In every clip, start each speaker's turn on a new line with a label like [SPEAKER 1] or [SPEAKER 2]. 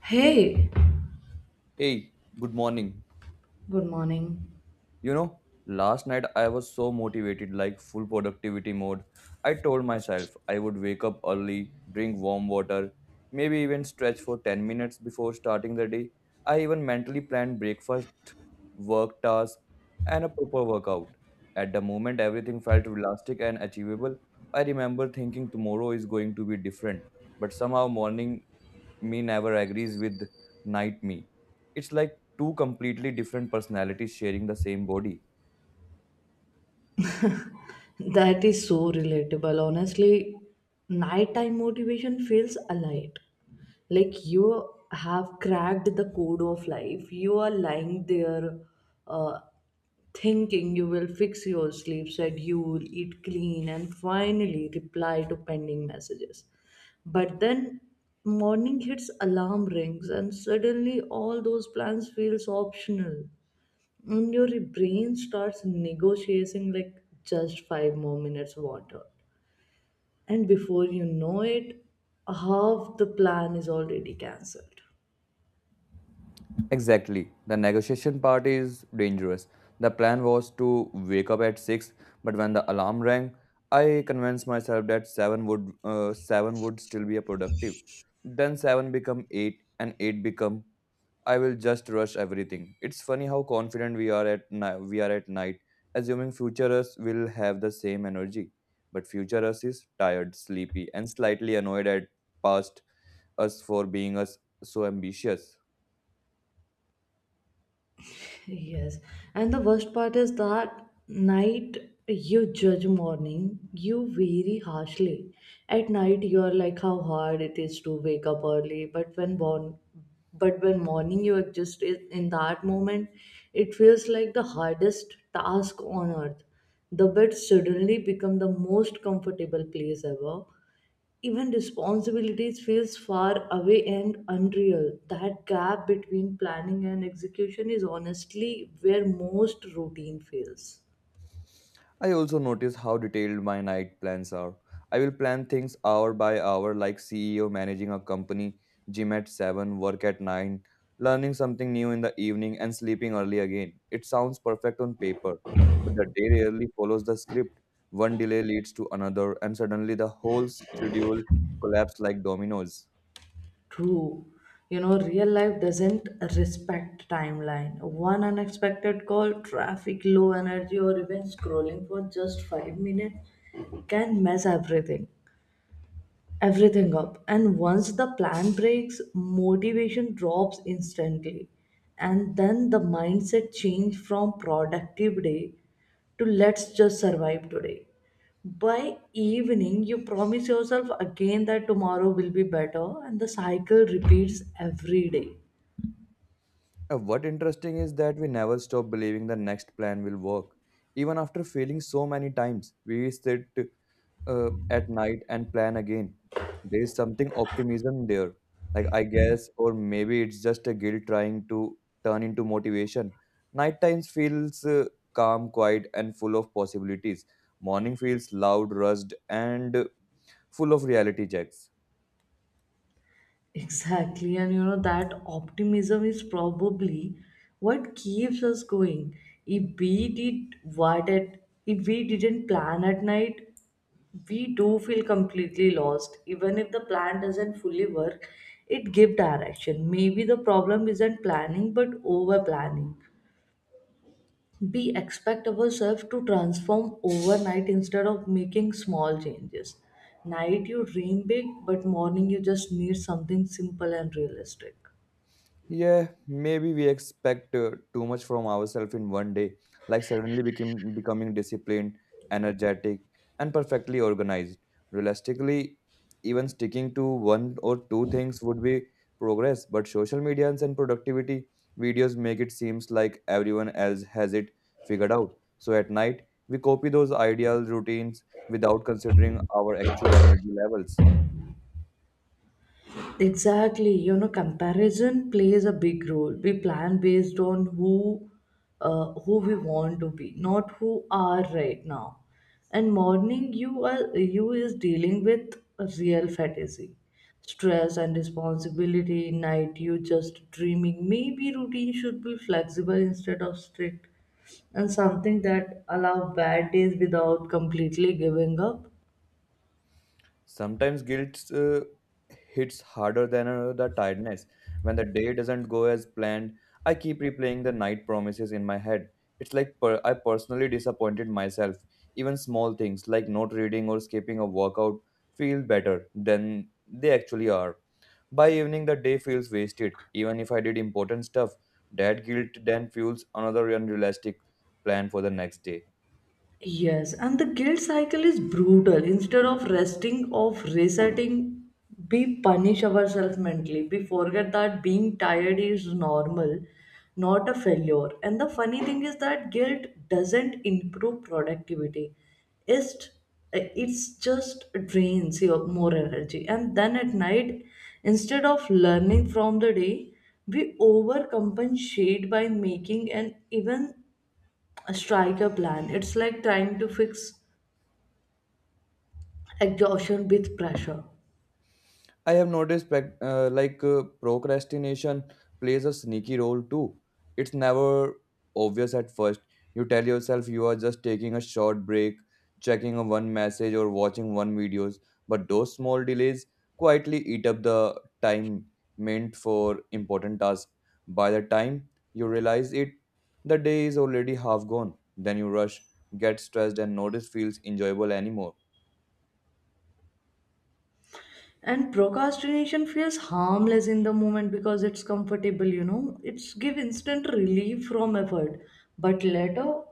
[SPEAKER 1] Hey,
[SPEAKER 2] Hey, good morning.
[SPEAKER 1] good morning.
[SPEAKER 2] You know, Last night I was so motivated, like full productivity mode. I told myself I would wake up early, drink warm water, maybe even stretch for 10 minutes before starting the day. I even mentally planned breakfast, work task, and a proper workout. At the moment, everything felt realistic and achievable. I remember thinking tomorrow is going to be different, but somehow morning me never agrees with night me. It's like two completely different personalities sharing the same body.
[SPEAKER 1] That is so relatable. Honestly, nighttime motivation feels alight. Like you have cracked the code of life. You are lying there uh, thinking you will fix your sleep schedule, eat clean, and finally reply to pending messages. But then morning hits, alarm rings, and suddenly all those plans feels optional. And your brain starts negotiating like just five more minutes water. And before you know it, half the plan is already cancelled.
[SPEAKER 2] Exactly. The negotiation part is dangerous. The plan was to wake up at 6, but when the alarm rang, I convinced myself that 7 would uh, 7 would still be a productive. Then 7 become 8 and 8 become I will just rush everything. It's funny how confident we are at night, assuming future us will have the same energy. But future us is tired, sleepy, and slightly annoyed at past us for being us so ambitious.
[SPEAKER 1] Yes, and the worst part is that night you judge morning you very harshly. At night you are like how hard it is to wake up early, but when morning you are just in that moment, it feels like the hardest task on earth. The bed suddenly become the most comfortable place ever, even responsibilities feels far away and unreal. That gap between planning and execution is honestly where most routine fails.
[SPEAKER 2] I also notice how detailed my night plans are. I will plan things hour by hour, like CEO managing a company, gym at 7, work at 9, learning something new in the evening, and sleeping early again. It sounds perfect on paper, but the day rarely follows the script. One delay leads to another, and suddenly the whole schedule collapses like dominoes.
[SPEAKER 1] True, you know, real life doesn't respect timeline. One unexpected call, traffic, low energy, or even scrolling for just 5 minutes can mess everything up. And once the plan breaks, motivation drops instantly. And then the mindset change from productive day to let's just survive today. By evening, you promise yourself again that tomorrow will be better, and the cycle repeats every day.
[SPEAKER 2] And what interesting is that we never stop believing the next plan will work. Even after failing so many times, we sit at night and plan again. There's something optimism there, like I guess, or maybe it's just a guilt trying to turn into motivation. Night times feels calm, quiet, and full of possibilities. Morning feels loud, rushed, and full of reality checks.
[SPEAKER 1] Exactly, and you know that optimism is probably what keeps us going. If we did what it, If we didn't plan at night, we do feel completely lost. Even if the plan doesn't fully work, it gives direction. Maybe the problem isn't planning but over planning. We expect ourselves to transform overnight instead of making small changes. Night you dream big, but morning you just need something simple and realistic.
[SPEAKER 2] Yeah, maybe we expect too much from ourselves in one day, like suddenly becoming disciplined, energetic, and perfectly organized. Realistically, even sticking to one or two things would be progress, but social media and productivity videos make it seems like everyone else has it figured out. So at night, we copy those ideal routines without considering our actual energy levels.
[SPEAKER 1] Exactly, you know, comparison plays a big role. We plan based on who we want to be, not who are right now. And morning you are you is dealing with real fatigue, stress and responsibility. Night you just dreaming. Maybe routine should be flexible instead of strict, and something that allow bad days without completely giving up.
[SPEAKER 2] Sometimes guilt hits harder than the tiredness. When the day doesn't go as planned, I keep replaying the night promises in my head. It's like I personally disappointed myself. Even small things like not reading or skipping a workout feel better than they actually are. By evening, the day feels wasted. Even if I did important stuff, that guilt then fuels another unrealistic plan for the next day.
[SPEAKER 1] Yes, and the guilt cycle is brutal. Of resetting, we punish ourselves mentally. We forget that being tired is normal, not a failure. And the funny thing is that guilt doesn't improve productivity. It's it's just drains your more energy. And then at night, instead of learning from the day, we overcompensate by making an even Strike a plan. It's like trying to fix exhaustion with pressure.
[SPEAKER 2] I have noticed procrastination plays a sneaky role too. It's never obvious at first. You tell yourself you are just taking a short break, checking a one message or watching one videos, but those small delays quietly eat up the time meant for important tasks. By the time you realize it, the day is already half gone. Then you rush, get stressed and notice feels enjoyable anymore.
[SPEAKER 1] And procrastination feels harmless in the moment because it's comfortable, you know. It's give instant relief from effort. But later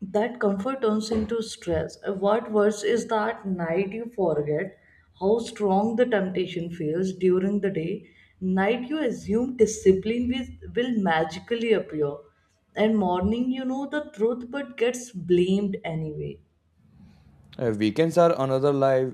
[SPEAKER 1] that comfort turns into stress. What worse is that night you forget how strong the temptation feels during the day. Night you assume will magically appear. And morning you know the truth but gets blamed anyway.
[SPEAKER 2] Weekends are another lie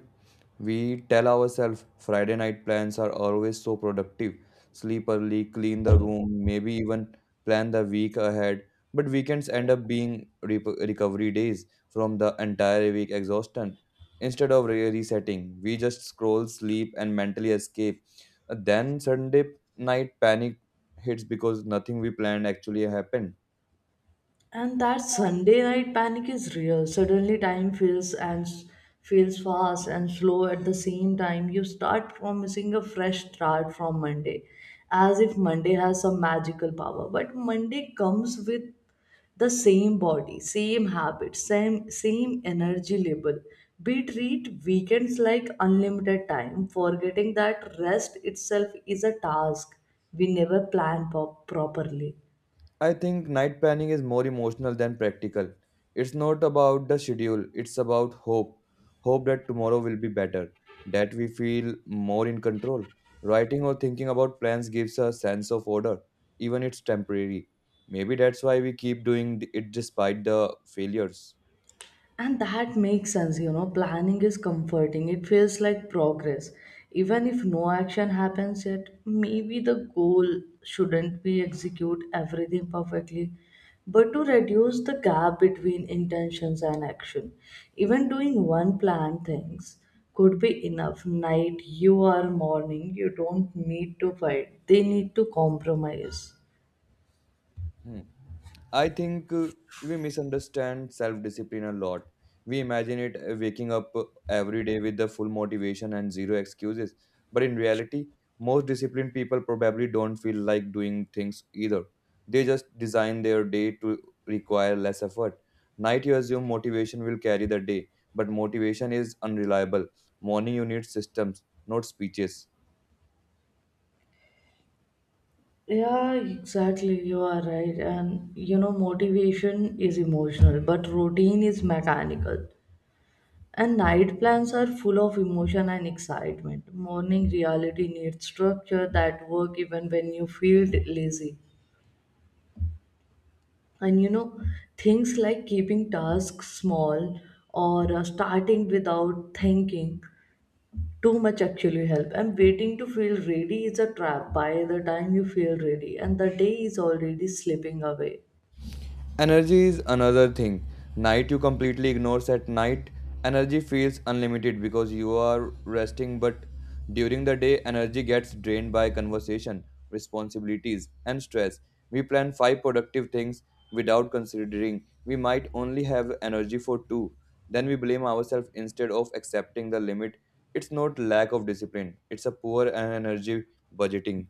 [SPEAKER 2] we tell ourselves. Friday night plans are always so productive. Sleep early, clean the room, maybe even plan the week ahead. But weekends end up being recovery days from the entire week exhaustion. Instead of resetting, we just scroll, sleep, and mentally escape. Then Sunday night panic hits because nothing we planned actually happened.
[SPEAKER 1] And that Sunday night panic is real. Suddenly, time feels feels fast and slow at the same time. You start promising a fresh start from Monday, as if Monday has some magical power. But Monday comes with the same body, same habits, same energy level. We treat weekends like unlimited time, forgetting that rest itself is a task we never properly.
[SPEAKER 2] I think night planning is more emotional than practical. It's not about the schedule, it's about hope. Hope that tomorrow will be better, that we feel more in control. Writing or thinking about plans gives us a sense of order, even it's temporary. Maybe that's why we keep doing it despite the failures.
[SPEAKER 1] And that makes sense, you know, planning is comforting. It feels like progress. Even if no action happens yet, maybe the goal shouldn't be execute everything perfectly, but to reduce the gap between intentions and action. Even doing one planned things could be enough. Night, you are morning, you don't need to fight. They need to compromise.
[SPEAKER 2] Hmm. I think we misunderstand self discipline a lot. We imagine it waking up every day with the full motivation and zero excuses. But in reality, most disciplined people probably don't feel like doing things either. They just design their day to require less effort. Night you assume motivation will carry the day, but motivation is unreliable. Morning you need systems, not speeches.
[SPEAKER 1] Yeah, exactly. You are right. And you know, motivation is emotional, but routine is mechanical. And night plans are full of emotion and excitement. Morning reality needs structure that work even when you feel lazy. And you know, things like keeping tasks small or starting without thinking too much actually help. And waiting to feel ready is a trap. By the time you feel ready, and the day is already slipping away.
[SPEAKER 2] Energy is another thing. Night you completely ignores at night. Energy feels unlimited because you are resting, but during the day, energy gets drained by conversation, responsibilities, and stress. We plan five productive things without considering we might only have energy for two. Then we blame ourselves instead of accepting the limit. It's not lack of discipline, it's a poor energy budgeting.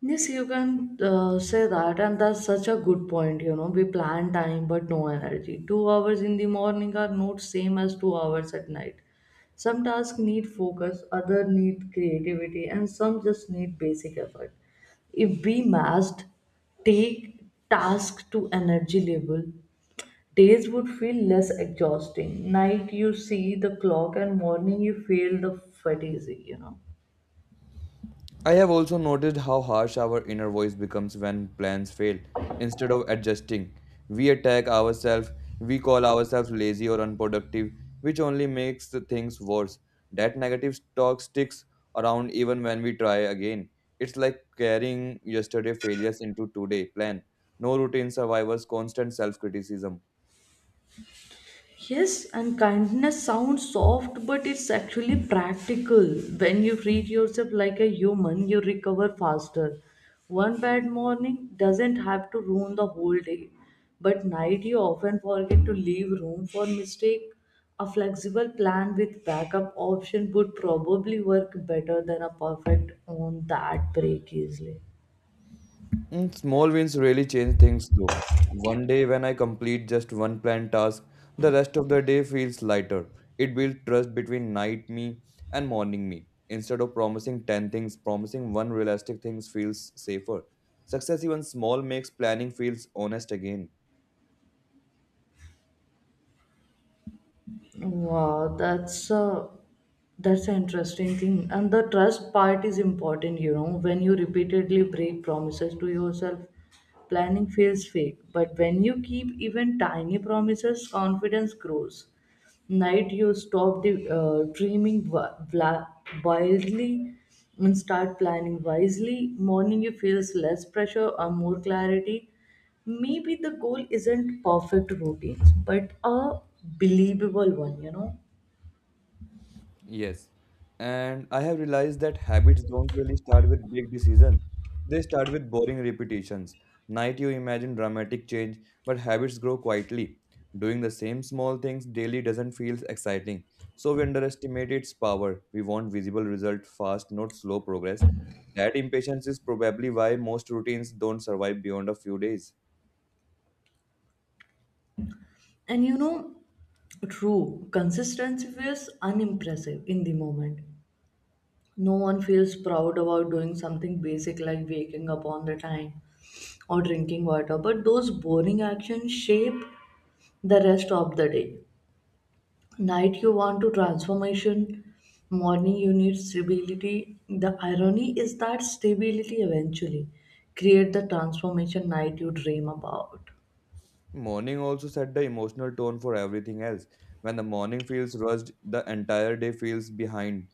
[SPEAKER 1] Yes, you can say that, and that's such a good point. You know, we plan time but no energy. 2 hours in the morning are not same as 2 hours at night. Some tasks need focus, other need creativity, and some just need basic effort. If we must take task to energy level, days would feel less exhausting. Night you see the clock, and morning you feel the fatigue. You know.
[SPEAKER 2] I have also noticed how harsh our inner voice becomes when plans fail. Instead of adjusting, we attack ourselves, we call ourselves lazy or unproductive, which only makes the things worse. That negative talk sticks around even when we try again. It's like carrying yesterday failures into today plan. No routine survivors, constant self criticism.
[SPEAKER 1] Yes, and kindness sounds soft, but it's actually practical. When you treat yourself like a human, you recover faster. One bad morning doesn't have to ruin the whole day. But night you often forget to leave room for mistake. A flexible plan with backup option would probably work better than a perfect on that break easily.
[SPEAKER 2] Mm, small wins really change things though. One day when I complete just one planned task, the rest of the day feels lighter. It builds trust between night me and morning me. Instead of promising 10 things, promising one realistic things feels safer. Success even small makes planning feels honest again.
[SPEAKER 1] Wow, that's a that's an interesting thing. And the trust part is important, you know, when you repeatedly break promises to yourself, planning feels fake. But when you keep even tiny promises, confidence grows. Night you stop the dreaming wildly and start planning wisely. Morning you feels less pressure or more clarity. Maybe the goal isn't perfect routines but a believable one, you know.
[SPEAKER 2] Yes. And I have realized that habits don't really start with big decisions. They start with boring repetitions. Night you imagine dramatic change, but habits grow quietly. Doing the same small things daily doesn't feel exciting. So we underestimate its power. We want visible result fast, not slow progress. That impatience is probably why most routines don't survive beyond a few days.
[SPEAKER 1] And you know, true, consistency feels unimpressive in the moment. No one feels proud about doing something basic like waking up on the time or drinking water, but those boring actions shape the rest of the day. Night you want to transformation, morning you need stability. The irony is that stability eventually create the transformation night you dream about.
[SPEAKER 2] Morning also set the emotional tone for everything else. When the morning feels rushed, the entire day feels behind.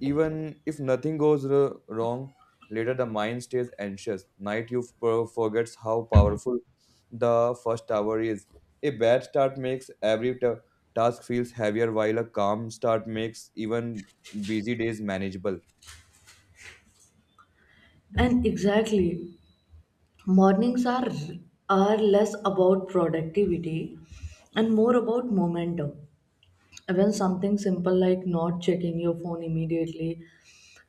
[SPEAKER 2] Even if nothing goes wrong, later the mind stays anxious. Night you forgets how powerful the first hour is. A bad start makes every task feels heavier, while a calm start makes even busy days manageable.
[SPEAKER 1] And exactly, mornings are less about productivity and more about momentum. Even something simple like not checking your phone immediately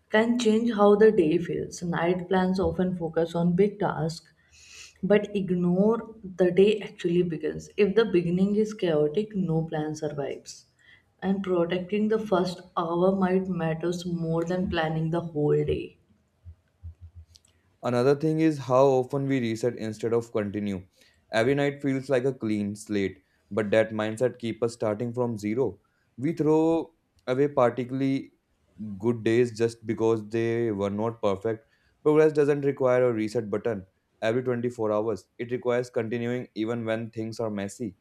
[SPEAKER 1] can change how the day feels. Night plans often focus on big tasks but ignore the day actually begins. If the beginning is chaotic, no plan survives. And protecting the first hour might matters more than planning the whole day.
[SPEAKER 2] Another thing is how often we reset instead of continue. Every night feels like a clean slate, but that mindset keeps us starting from zero. We throw away particularly good days just because they were not perfect. Progress doesn't require a reset button every 24 hours, it requires continuing even when things are messy.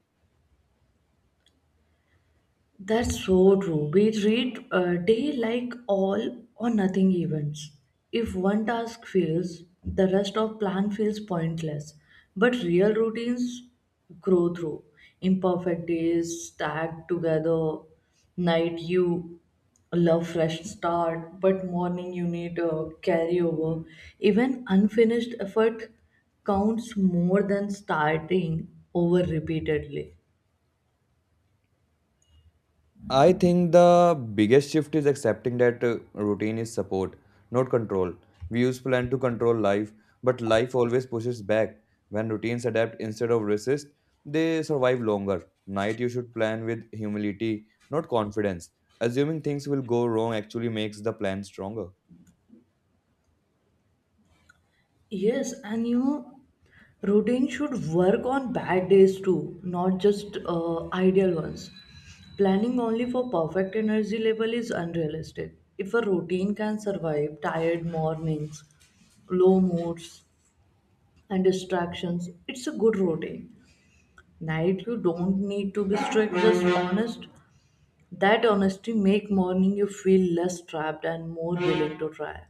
[SPEAKER 1] That's so true. We treat a day like all or nothing events. If one task fails, the rest of plan feels pointless. But real routines grow through imperfect days stacked together. Night you love fresh start, but morning you need a carryover. Even unfinished effort counts more than starting over repeatedly.
[SPEAKER 2] I think the biggest shift is accepting that routine is support, not control. We use plan to control life, but life always pushes back. When routines adapt instead of resist, they survive longer. Night you should plan with humility, not confidence. Assuming things will go wrong actually makes the plan stronger.
[SPEAKER 1] Yes, and you know, routine should work on bad days too, not just ideal ones. Planning only for perfect energy level is unrealistic. If a routine can survive tired mornings, low moods, and distractions, it's a good routine. Night you don't need to be strict, just honest. That honesty make morning you feel less trapped and more willing to try.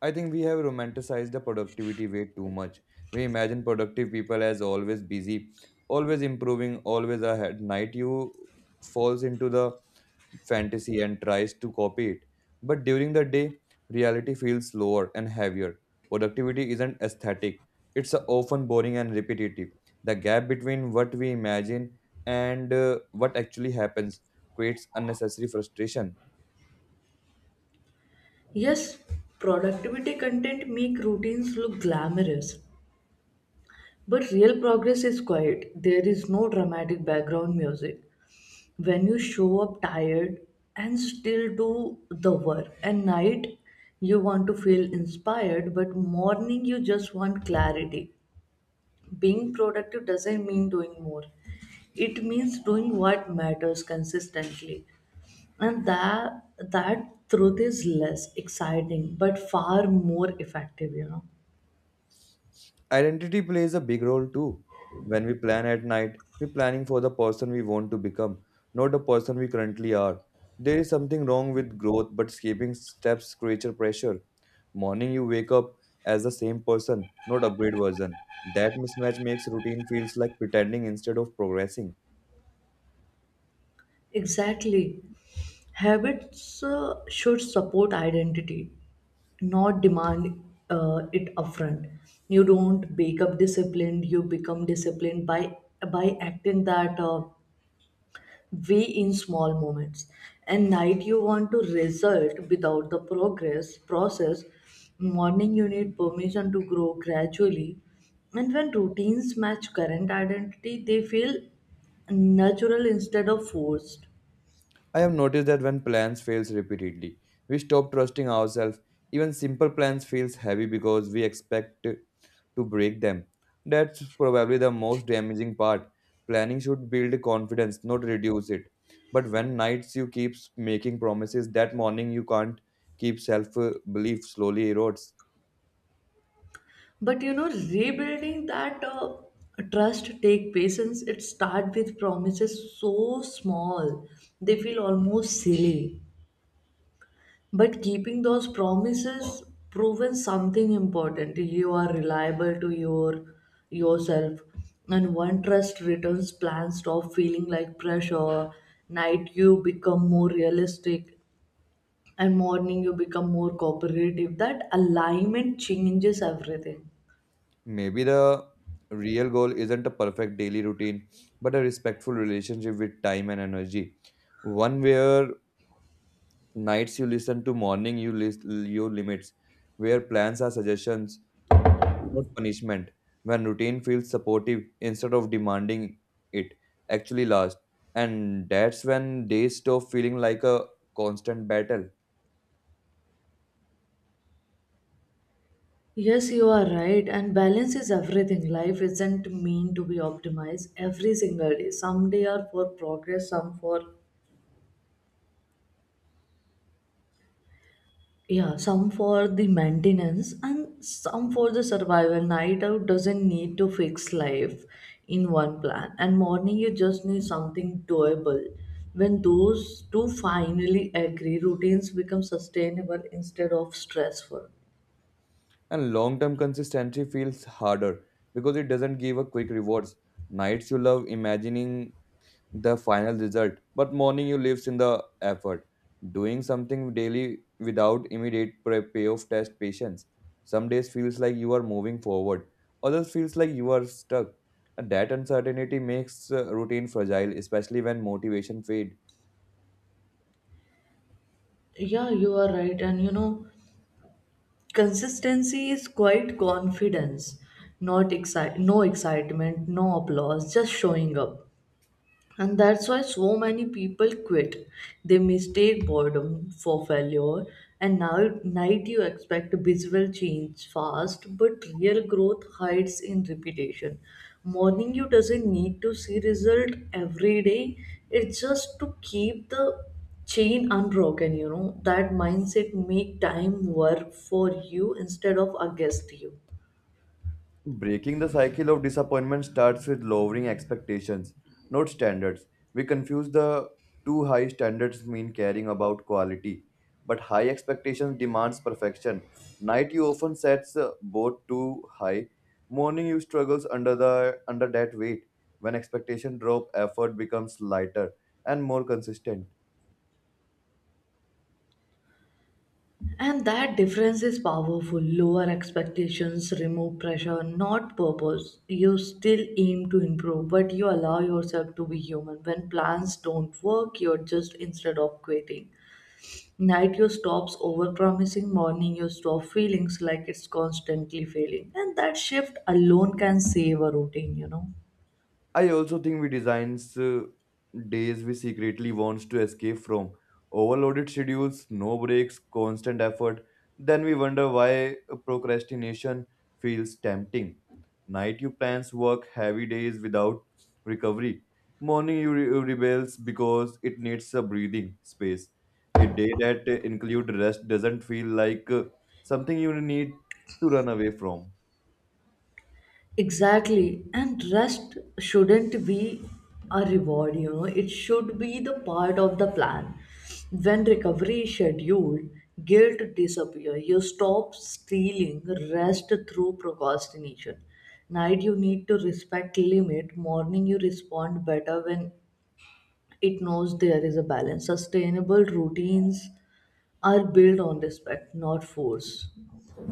[SPEAKER 2] I think we have romanticized the productivity way too much. We imagine productive people as always busy, always improving, always ahead. Night you falls into the fantasy and tries to copy it. But during the day, reality feels slower and heavier. Productivity isn't aesthetic, it's often boring and repetitive. The gap between what we imagine and what actually happens creates unnecessary frustration.
[SPEAKER 1] Yes, productivity content make routines look glamorous, but real progress is quiet. There is no dramatic background music. When you show up tired and still do the work, and night you want to feel inspired, but morning you just want clarity. Being productive doesn't mean doing more, it means doing what matters consistently. And that truth is less exciting but far more effective, you know.
[SPEAKER 2] Identity plays a big role too. When we plan at night, we're planning for the person we want to become, not the person we currently are. There is something wrong with growth, but skipping steps creates a pressure. Morning, you wake up as the same person, not upgrade version. That mismatch makes routine feels like pretending instead of progressing.
[SPEAKER 1] Exactly. Habits should support identity, not demand it upfront. You don't wake up disciplined, you become disciplined by acting that way in small moments. And night you want to result without the progress process. Morning you need permission to grow gradually. And when routines match current identity, they feel natural instead of forced.
[SPEAKER 2] I have noticed that when plans fails repeatedly, we stop trusting ourselves. Even simple plans feels heavy because we expect to break them. That's probably the most damaging part. Planning should build confidence, not reduce it. But when nights you keep making promises, that morning you can't keep self belief slowly erodes.
[SPEAKER 1] But you know, rebuilding that trust take patience. It start with promises so small they feel almost silly, but keeping those promises proven something important. You are reliable to yourself. And one trust returns, plans stop feeling like pressure. Night you become more realistic, and morning you become more cooperative. That alignment changes everything.
[SPEAKER 2] Maybe the real goal isn't a perfect daily routine, but a respectful relationship with time and energy. One where nights you listen to morning you list your limits, where plans are suggestions, not punishment. When routine feels supportive instead of demanding, it actually last. And that's when days stop feeling like a constant battle,
[SPEAKER 1] Yes, you are right. And balance is everything. Life isn't mean to be optimized every single day. Some day are for progress, some for yeah, some for the maintenance, and some for the survival. Night out doesn't need to fix life in one plan, and morning you just need something doable. When those two finally agree, routines become sustainable instead of stressful.
[SPEAKER 2] and long-term consistency feels harder because it doesn't give a quick rewards. Nights you love imagining the final result, but morning you lives in the effort. Doing something daily without immediate payoff test patience. Some days feels like you are moving forward, others feels like you are stuck. And that uncertainty makes routine fragile, especially when motivation fades.
[SPEAKER 1] Yeah, you are right. And you know, consistency is quite confidence, not excite, no excitement, no applause, just showing up. And that's why so many people quit. They mistake boredom for failure. And now, night you expect visual change fast, but real growth hides in repetition. Morning you doesn't need to see result every day. It's just to keep the chain unbroken. You know that mindset make time work for you instead of against you.
[SPEAKER 2] Breaking the cycle of disappointment starts with lowering expectations, not standards. We confuse the too high standards mean caring about quality, but high expectations demands perfection. Night you often sets both too high. Morning you struggles under the under that weight. When expectation drop, effort becomes lighter and more consistent.
[SPEAKER 1] And that difference is powerful. Lower expectations remove pressure, not purpose. You still aim to improve, but you allow yourself to be human. When plans don't work, you're just instead of quitting. Night you stops overpromising, morning you stop feelings like it's constantly failing. And that shift alone can save a routine, you know.
[SPEAKER 2] I also think we designs days we secretly wants to escape from overloaded schedules, no breaks, constant effort. Then we wonder why procrastination feels tempting. Night you plans work heavy days without recovery. Morning you rebels because it needs a breathing space. A day that include rest doesn't feel like something you need to run away from.
[SPEAKER 1] Exactly. And rest shouldn't be a reward, you know, it should be the part of the plan. When recovery is scheduled, guilt disappears. You stop stealing rest through procrastination. Night you need to respect limit. Morning you respond better when it knows there is a balance. Sustainable routines are built on respect, not force.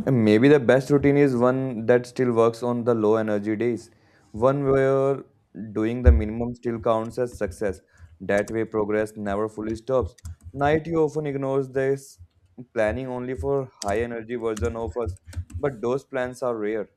[SPEAKER 2] And maybe the best routine is one that still works on the low energy days. One where doing the minimum still counts as success. That way, progress never fully stops. Night you often ignores this, planning only for high energy version of us, but those plans are rare.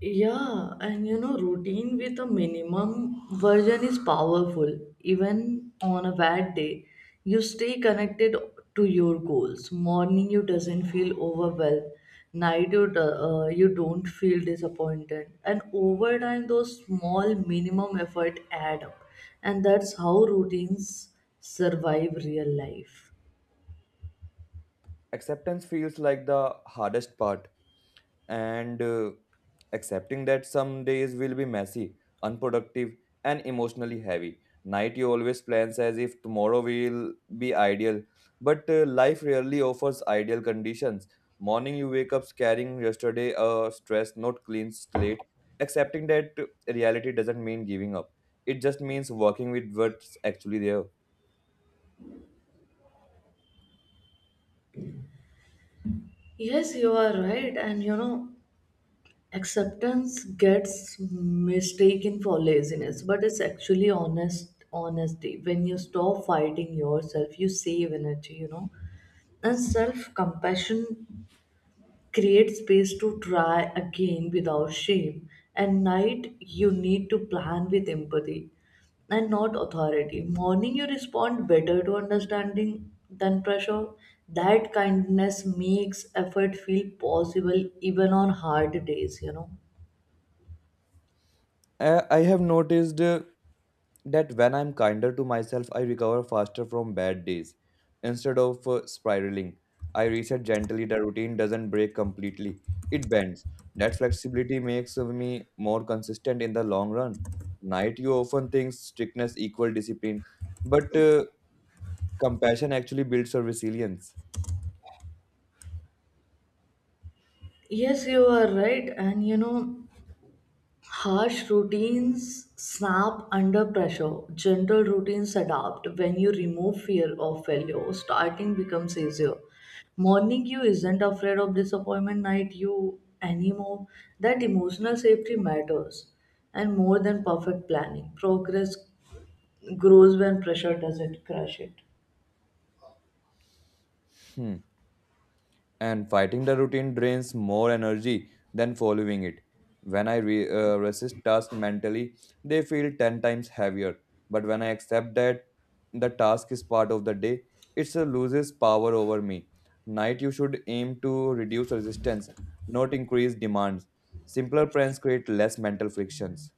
[SPEAKER 1] Yeah, and routine with a minimum version is powerful. Even on a bad day, you stay connected to your goals. Morning, you doesn't feel overwhelmed. Night, you don't feel disappointed. And over time, those small minimum effort add up. And that's how routines survive real life.
[SPEAKER 2] Acceptance feels like the hardest part and accepting that some days will be messy, unproductive, and emotionally heavy. Night you always plans as if tomorrow will be ideal, but life rarely offers ideal conditions. Morning you wake up carrying yesterday a stress not clean slate, accepting that reality doesn't mean giving up. It just means working with what's actually there.
[SPEAKER 1] Yes, you are right. And acceptance gets mistaken for laziness, but it's actually honesty. When you stop fighting yourself, you save energy. And self compassion creates space to try again without shame. At night, you need to plan with empathy and not authority. Morning, you respond better to understanding than pressure. That kindness makes effort feel possible even on hard days you know
[SPEAKER 2] I have noticed, that when I'm kinder to myself, I recover faster from bad days. Instead of spiraling, I reset gently. The routine doesn't break completely, it bends. That flexibility makes me more consistent in the long run. Night, you often think strictness equal discipline, but compassion actually builds your resilience.
[SPEAKER 1] Yes, you are right. And harsh routines snap under pressure. Gentle routines adapt when you remove fear of failure. Starting becomes easier. Morning, you isn't afraid of disappointment. Night, you anymore. That emotional safety matters and more than perfect planning. Progress grows when pressure doesn't crush it.
[SPEAKER 2] Hmm. And fighting the routine drains more energy than following it. When I resist tasks mentally, they feel 10 times heavier. But when I accept that the task is part of the day, it loses power over me. Night, you should aim to reduce resistance, not increase demands. Simpler plans create less mental frictions.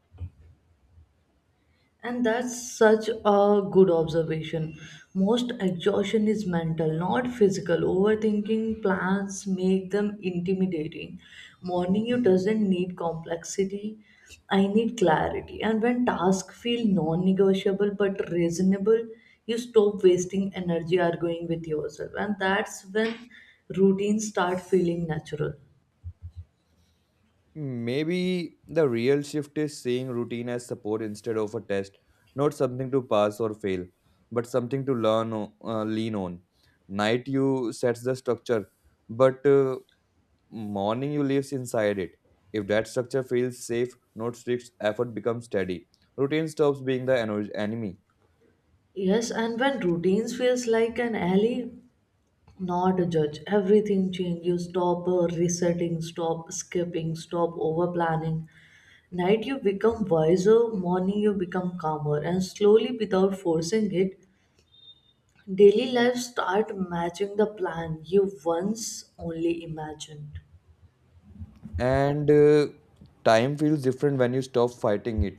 [SPEAKER 1] And that's such a good observation. Most exhaustion is mental, not physical. Overthinking plans make them intimidating. Morning you doesn't need complexity. I need clarity. And when tasks feel non-negotiable but reasonable, you stop wasting energy arguing with yourself. And that's when routines start feeling natural.
[SPEAKER 2] Maybe the real shift is seeing routine as support instead of a test, not something to pass or fail, but something to lean on. Night you sets the structure, but morning you lives inside it. If that structure feels safe, not strict effort becomes steady. Routine stops being the enemy.
[SPEAKER 1] Yes, and when routines feels like an ally, not a judge, everything change. You stop resetting, stop skipping, stop over planning. Night you become wiser, morning you become calmer, and slowly without forcing it, daily life start matching the plan you once only imagined.
[SPEAKER 2] And time feels different when you stop fighting it.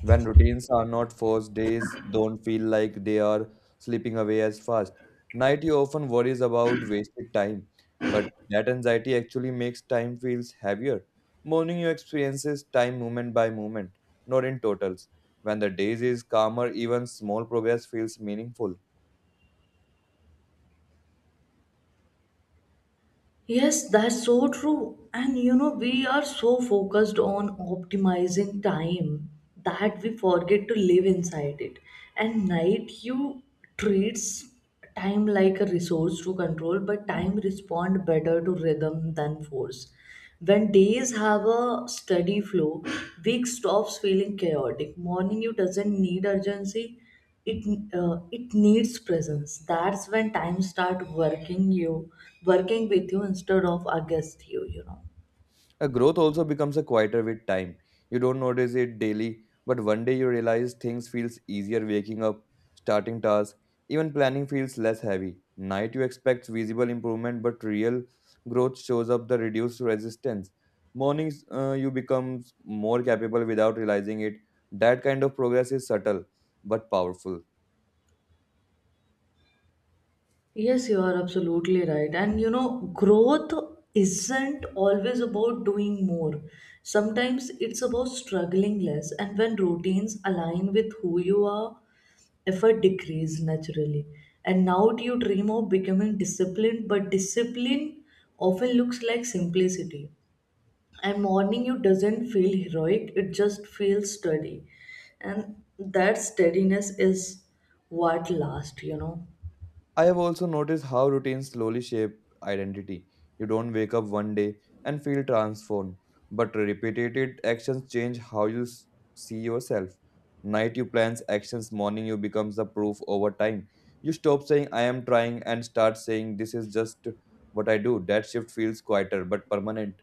[SPEAKER 2] When routines are not forced, days don't feel like they are slipping away as fast. Night you often worries about wasted time, but that anxiety actually makes time feels heavier. Morning you experiences time moment by moment, not in totals. When the days is calmer, even small progress feels meaningful.
[SPEAKER 1] Yes, that's so true. And we are so focused on optimizing time that we forget to live inside it. And night you treats time like a resource to control, but time respond better to rhythm than force. When days have a steady flow, week stops feeling chaotic. Morning you doesn't need urgency, it it needs presence. That's when time start working, you working with you instead of against you you know
[SPEAKER 2] A growth also becomes a quieter with time. You don't notice it daily, but one day you realize things feels easier waking up, starting tasks, even planning feels less heavy. Night you expect visible improvement, but real growth shows up the reduced resistance. Mornings, you become more capable without realizing it. That kind of progress is subtle but powerful.
[SPEAKER 1] yes you are absolutely right. And growth isn't always about doing more. Sometimes it's about struggling less. And when routines align with who you are, effort decrease naturally. And now do you dream of becoming disciplined? But discipline often looks like simplicity. And morning you doesn't feel heroic, it just feels steady. And that steadiness is what lasts you know
[SPEAKER 2] I have also noticed how routines slowly shape identity. You don't wake up one day and feel transformed, but repeated actions change how you see yourself. Night you plans actions, morning you becomes the proof over time. You stop saying I am trying and start saying this is just what I do. That shift feels quieter but permanent.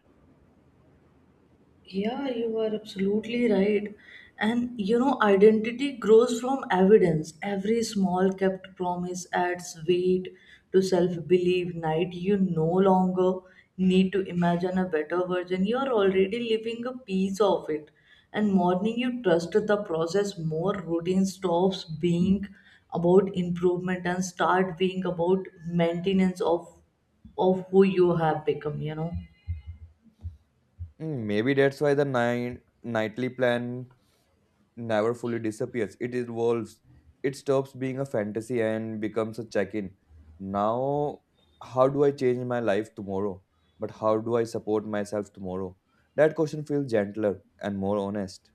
[SPEAKER 1] Yeah, you are absolutely right. And identity grows from evidence. Every small kept promise adds weight to self belief. Night, you no longer need to imagine a better version. You are already living a piece of it. And morning, you trust the process more. Routine stops being about improvement and start being about maintenance of who you have become.
[SPEAKER 2] Mm, maybe that's why the nightly plan never fully disappears. It evolves. It stops being a fantasy and becomes a check in. Now, how do I change my life tomorrow? But how do I support myself tomorrow? That question feels gentler and more honest.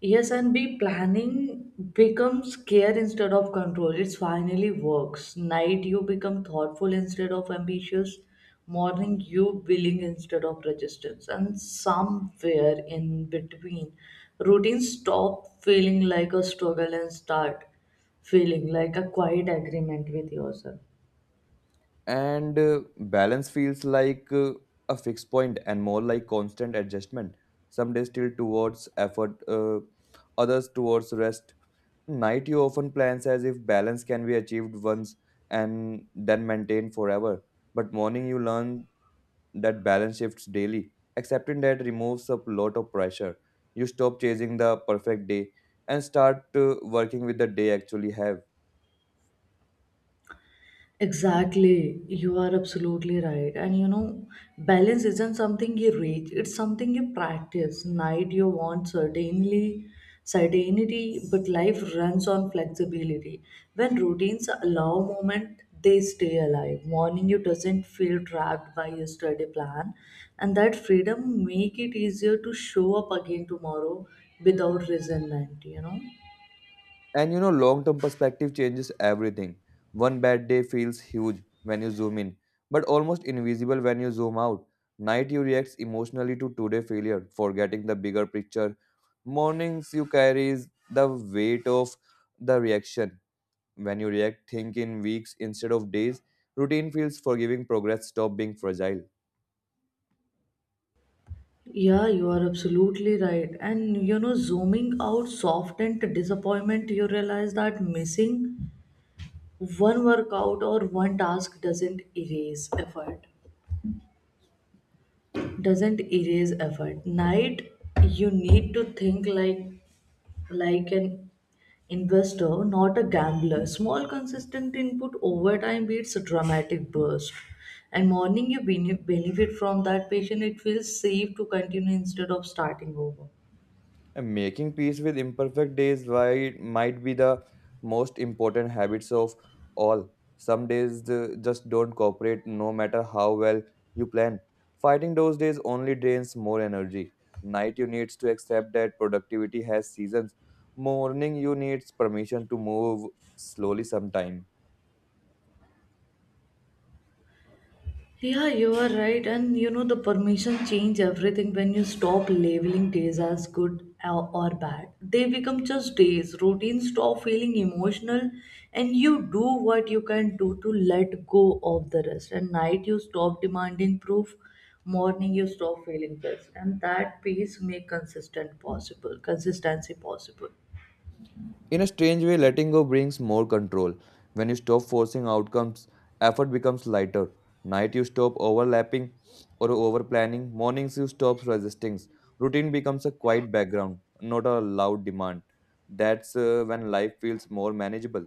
[SPEAKER 1] Yes, and B planning becomes care instead of control. It finally works. Night you become thoughtful instead of ambitious. Morning you willing instead of resistance. And somewhere in between, routine stop feeling like a struggle and start feeling like a quiet agreement with yourself.
[SPEAKER 2] And balance feels like a fixed point and more like constant adjustment. Some days still towards effort, others towards rest. Night you often plans as if balance can be achieved once and then maintained forever. But morning you learn that balance shifts daily. Accepting that removes a lot of pressure. You stop chasing the perfect day and start working with the day actually have.
[SPEAKER 1] Exactly, you are absolutely right. And balance isn't something you reach, it's something you practice. Night you want certainly certainty, but life runs on flexibility. When routines allow movement, they stay alive. Morning you doesn't feel trapped by yesterday plan, and that freedom make it easier to show up again tomorrow without resentment.
[SPEAKER 2] And you know, long term perspective changes everything. One bad day feels huge when you zoom in, but almost invisible when you zoom out. Night you react emotionally to today's failure, forgetting the bigger picture. Mornings you carry the weight of the reaction. When you react, think in weeks instead of days. Routine feels forgiving, progress stop being fragile.
[SPEAKER 1] Yeah, you are absolutely right. And zooming out softened disappointment, you realize that missing one workout or one task doesn't erase effort. Doesn't erase effort. Night, you need to think like an investor, not a gambler. Small consistent input over time beats a dramatic burst. And morning you benefit from that patient, it feels safe to continue instead of starting over.
[SPEAKER 2] And making peace with imperfect days why might be the most important habits of all. Some days just don't cooperate no matter how well you plan. Fighting those days only drains more energy. Night you needs to accept that productivity has seasons. Morning you needs permission to move slowly sometime.
[SPEAKER 1] Yeah, you are right. And the permission change everything when you stop labeling days as good or bad. They become just days. Routines stop feeling emotional, and you do what you can do to let go of the rest. And night, you stop demanding proof. Morning, you stop feeling this. And that peace make consistent possible, consistency possible.
[SPEAKER 2] In a strange way, letting go brings more control. When you stop forcing outcomes, effort becomes lighter. Night you stop overlapping or over planning. Mornings you stop resisting. Routine becomes a quiet background, not a loud demand. That's when life feels more manageable.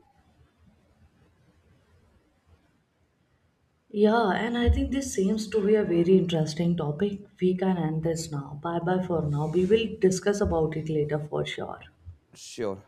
[SPEAKER 1] Yeah, and I think this seems to be a very interesting topic. We can end this now. Bye bye for now. We will discuss about it later for sure.
[SPEAKER 2] Sure.